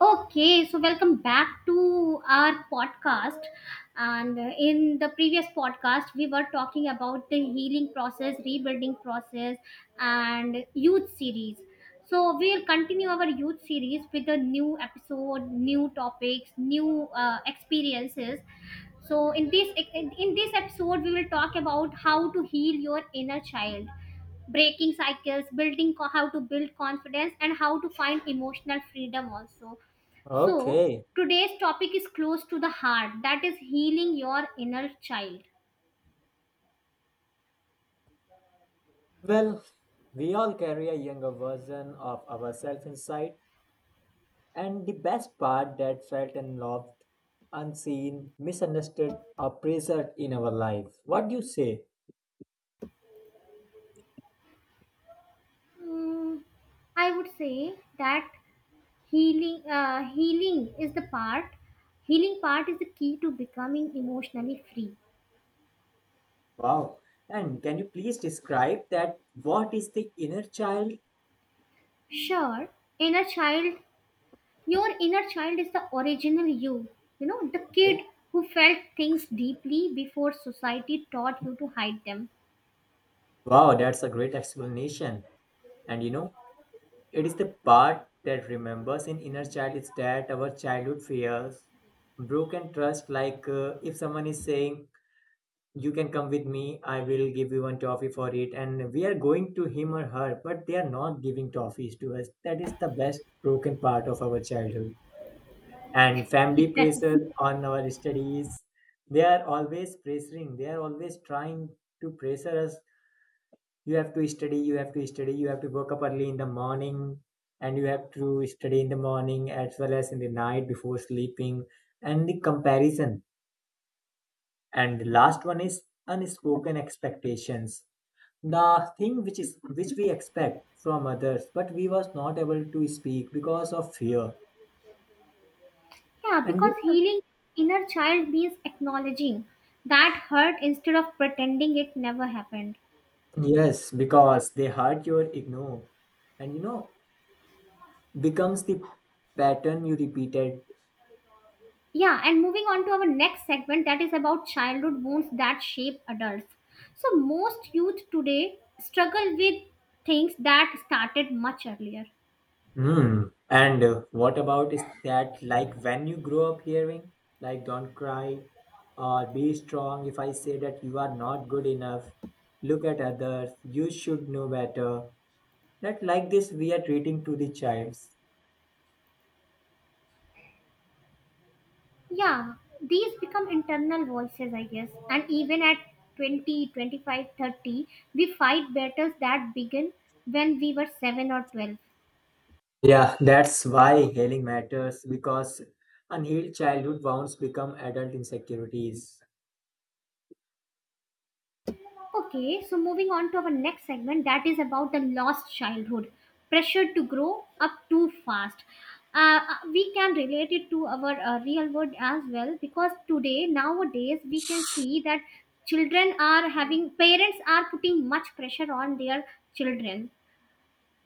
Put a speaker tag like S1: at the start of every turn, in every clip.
S1: Okay, so welcome back to our podcast. And in the previous podcast, we were talking about the healing process, rebuilding process, and youth series. So we'll continue our youth series with a new episode, new topics, new experiences. So in this in this episode, we will talk about how to heal your inner child, breaking cycles, how to build confidence, and how to find emotional freedom also. So
S2: Okay.
S1: today's topic is close to the heart, that is healing your inner child.
S2: Well, we all carry a younger version of ourselves inside, and the best part that felt and loved, unseen, misunderstood, or preserved in our life. What do you say?
S1: Mm, I would say that healing uh, healing is the part healing part is the key to becoming emotionally free.
S2: Wow. And can you please describe that? What is the inner child?
S1: Sure. Inner child. Your inner child is the original you, you know, the kid
S2: Okay.
S1: who felt things deeply before society taught you to hide them.
S2: Wow, that's a great explanation. And you know, it is the part that remembers in inner child is that our childhood fears, broken trust, like if someone is saying, you can come with me. I will give you one toffee for it. And we are going to him or her, but they are not giving toffees to us. That is the best broken part of our childhood. And family
S1: Yes.
S2: pressure on our studies. They are always pressuring. They are always trying to pressure us. You have to study, you have to study, you have to wake up early in the morning, and you have to study in the morning as well as in the night before sleeping. And the comparison. And the last one is unspoken expectations, the thing which we expect from others but we was not able to speak because of fear.
S1: Yeah,
S2: and you
S1: because
S2: know,
S1: healing inner child means acknowledging that hurt instead of pretending it never happened.
S2: yes, because they hurt your ignore, and becomes the pattern you repeated.
S1: Yeah, and moving on to our next segment, that is about childhood wounds that shape adults. So most youth today struggle with things that started much earlier.
S2: Hmm. And what about is that like when you grow up hearing, like don't cry or be strong, if I say that you are not good enough, look at others, you should know better, that like this we are treating to the child.
S1: Yeah, these become internal voices, I guess. And even at 20, 25, 30, we fight battles that begin when we were 7 or 12.
S2: Yeah, that's why healing matters because unhealed childhood wounds become adult insecurities.
S1: Okay, so moving on to our next segment, that is about the lost childhood. Pressure to grow up too fast. We can relate it to our real world as well, because today, nowadays, we can see that children are having, parents are putting much pressure on their children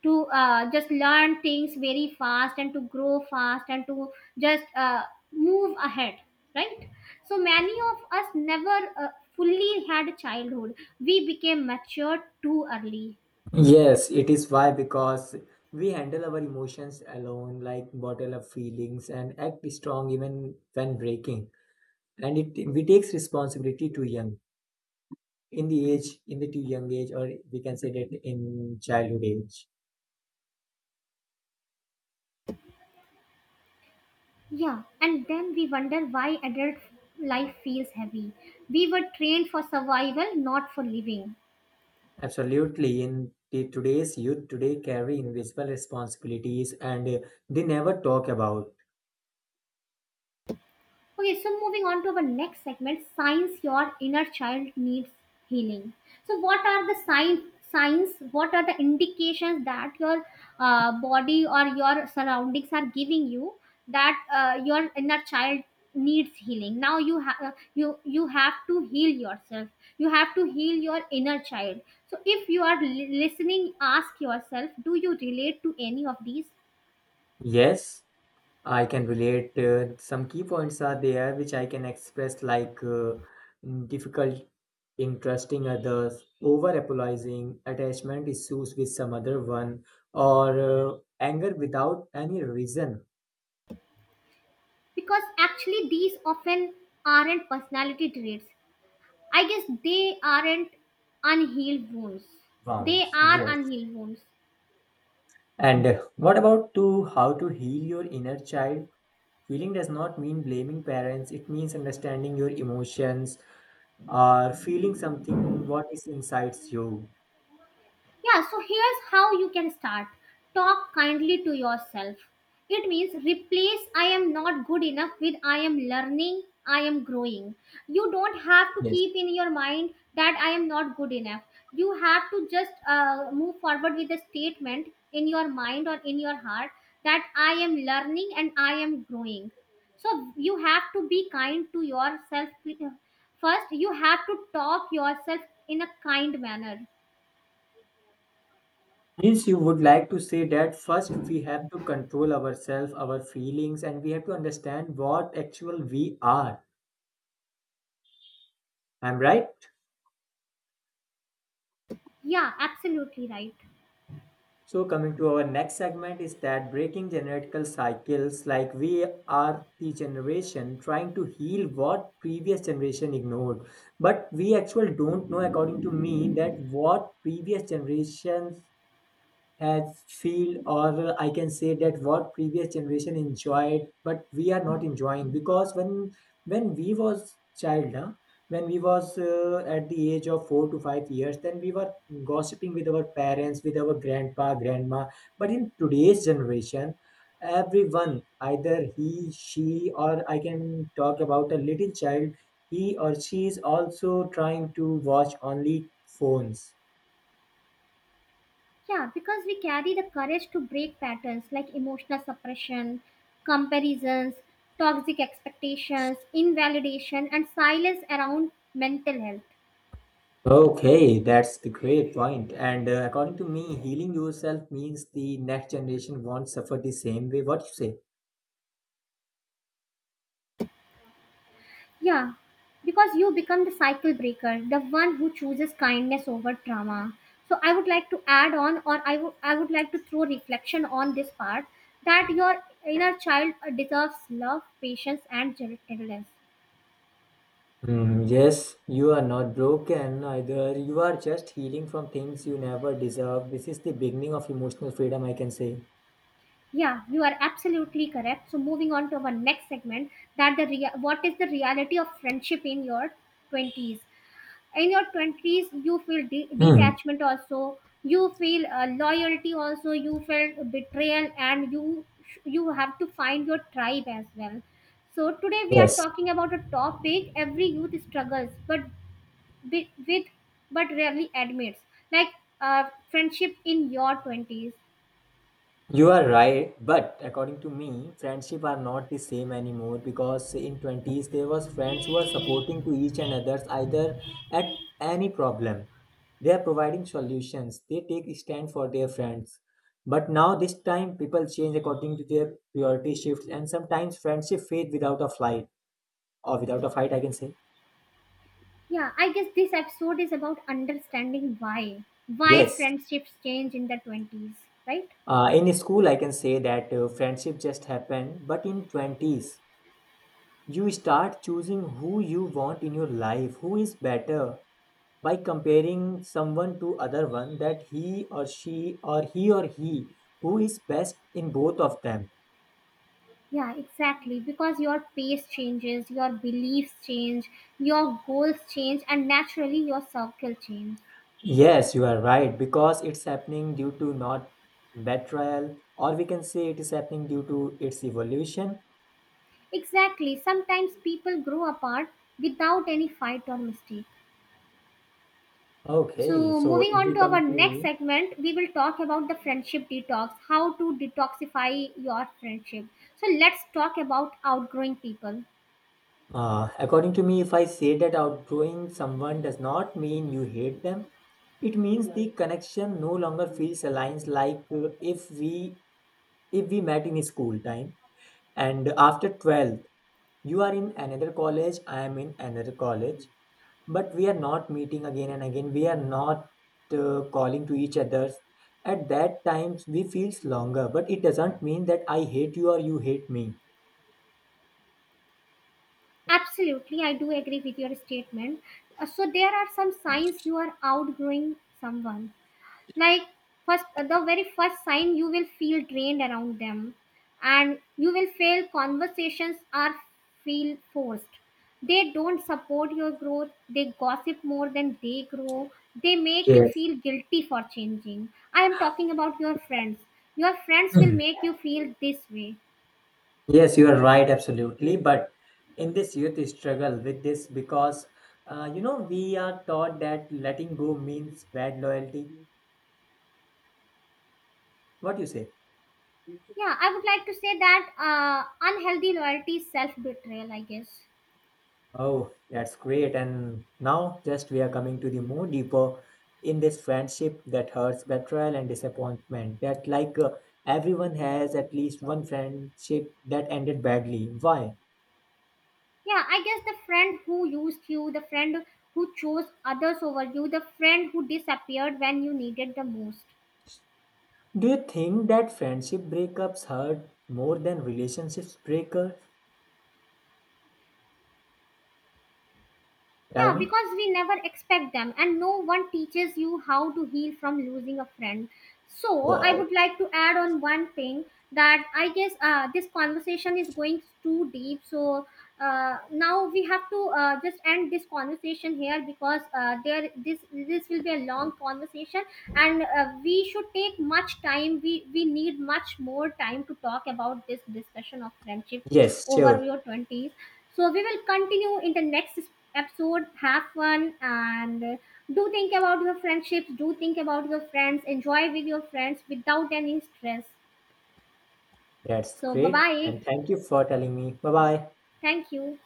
S1: to just learn things very fast and to grow fast and to just move ahead, right? So many of us never fully had a childhood. We became mature too early.
S2: Yes, it is why because we handle our emotions alone, like bottle up feelings and act strong even when breaking. And it we takes responsibility too young, in the too young age, or we can say that in childhood age.
S1: Yeah, and then we wonder why adult life feels heavy. We were trained for survival, not for living.
S2: Absolutely, today's youth today carry invisible responsibilities, and they never talk about.
S1: Okay, so moving on to our next segment, signs your inner child needs healing. So, what are the signs? Signs. What are the indications that your body or your surroundings are giving you that your inner child needs healing? Now you have to heal yourself. You have to heal your inner child. So, if you are listening, ask yourself: do you relate to any of these?
S2: Yes. I can relate. Some key points are there which I can express, like difficult in trusting others, over apologizing, attachment issues with some other one, or anger without any reason.
S1: Because actually, these often aren't personality traits, I guess. They aren't, unhealed wounds. They
S2: Wounds.
S1: are
S2: Yes.
S1: unhealed wounds.
S2: And what about to how to heal your inner child? Healing does not mean blaming parents. It means understanding your emotions or feeling something what is inside you.
S1: Yeah, so here's how you can start. Talk kindly to yourself. It means replace "I am not good enough" with "I am learning, I am growing." You don't have to
S2: Yes.
S1: keep in your mind that I am not good enough. You have to just move forward with a statement in your mind or in your heart that I am learning and I am growing. So you have to be kind to yourself. uh, First, you have to talk yourself in a kind manner.
S2: Means you would like to say that first we have to control ourselves, our feelings, and we have to understand what actual we are. I'm right.
S1: Yeah, absolutely right.
S2: So coming to our next segment is that breaking generational cycles, like we are the generation trying to heal what previous generation ignored, but we actually don't know, according to me, that what previous generations has feel, or I can say that what previous generation enjoyed but we are not enjoying. Because when we was child, when we was at the age of 4 to 5 years, then we were gossiping with our parents, with our grandpa grandma. But in today's generation, everyone, either he she or I can talk about a little child, he or she is also trying to watch only phones.
S1: Yeah, because we carry the courage to break patterns like emotional suppression, comparisons, toxic expectations, invalidation, and silence around mental health.
S2: Okay, that's the great point. And according to me, healing yourself means the next generation won't suffer the same way. What you say?
S1: Yeah, because you become the cycle breaker, the one who chooses kindness over trauma. So I would like to add on, or I would like to throw reflection on this part, that your inner child deserves love, patience, and gentleness.
S2: Hmm, yes, you are not broken either. You are just healing from things you never deserve. This is the beginning of emotional freedom, I can say.
S1: Yeah, you are absolutely correct. So moving on to our next segment, that what is the reality of friendship in your 20s? In your 20s, you feel
S2: Hmm.
S1: detachment also, you feel loyalty also, you feel betrayal, and you you have to find your tribe as well. So today we are
S2: Yes,
S1: talking about a topic every youth struggles with, but rarely admits, like, friendship in your 20s.
S2: you are right. But according to me, friendship are not the same anymore because in 20s there was friends who were supporting to each and others, either at any problem. They are providing solutions. They take stand for their friends. But now this time people change according to their priority shifts, and sometimes friendship fade without a flight, or without a fight I can say.
S1: Yeah, I guess this episode is about understanding why. Why
S2: Yes.
S1: friendships change in the 20s, right?
S2: In school I can say that friendship just happened, but in 20s you start choosing who you want in your life, who is better by comparing someone to other one, that he or she or he who is best in both of them.
S1: Yeah, exactly. Because your pace changes, your beliefs change, your goals change, and naturally your circle change.
S2: Yes, you are right because it's happening due to not betrayal, or we can say it is happening due to its evolution.
S1: Exactly. Sometimes people grow apart without any fight or mistake.
S2: Okay,
S1: So,
S2: so
S1: moving
S2: if
S1: on
S2: we
S1: to our
S2: come
S1: next
S2: to
S1: segment, we will talk about the friendship detox, how to detoxify your friendship. So, let's talk about outgrowing people.
S2: according to me, if I say that outgrowing someone does not mean you hate them, it means the connection no longer feels aligned, like if we met in school time, and after 12th you are in another college, I am in another college, but we are not meeting again and again, we are not calling to each others. At that times we feels longer, but it doesn't mean that I hate you or you hate me.
S1: Absolutely, I do agree with your statement. So there are some signs you are outgrowing someone. Like first, the very first sign, you will feel drained around them, and you will feel conversations are feel forced. They don't support your growth. They gossip more than they grow. They make you
S2: Yes.
S1: feel guilty for changing. I am talking about your friends. Your friends will
S2: Mhm.
S1: make you feel this way.
S2: Yes, you are right, absolutely. But in this youth struggle with this because you know we are taught that letting go means bad loyalty. What do you say?
S1: Yeah, I would like to say that unhealthy loyalty is self betrayal, I guess.
S2: Oh, that's great. And now, just we are coming to the more deeper in this friendship that hurts betrayal and disappointment. That, like, everyone has at least one friendship that ended badly. Why?
S1: Yeah, I guess the friend who used you, the friend who chose others over you, the friend who disappeared when you needed the most.
S2: Do you think that friendship breakups hurt more than relationships breakers? Tell
S1: Yeah,
S2: me.
S1: because we never expect them, and no one teaches you how to heal from losing a friend. So, I
S2: Wow.
S1: would like to add on one thing that I guess this conversation is going too deep. So, now we have to just end this conversation here, because there this this will be a long conversation, and we should take much time. We need much more time to talk about this discussion of friendship
S2: Yes,
S1: over
S2: sure.
S1: your twenties. So, we will continue in the next episode. Have fun and do think about your friendships. Do think about your friends. Enjoy with your friends without any stress.
S2: That's
S1: So, bye
S2: great.
S1: bye.
S2: And thank you for telling me. Bye bye.
S1: Thank you.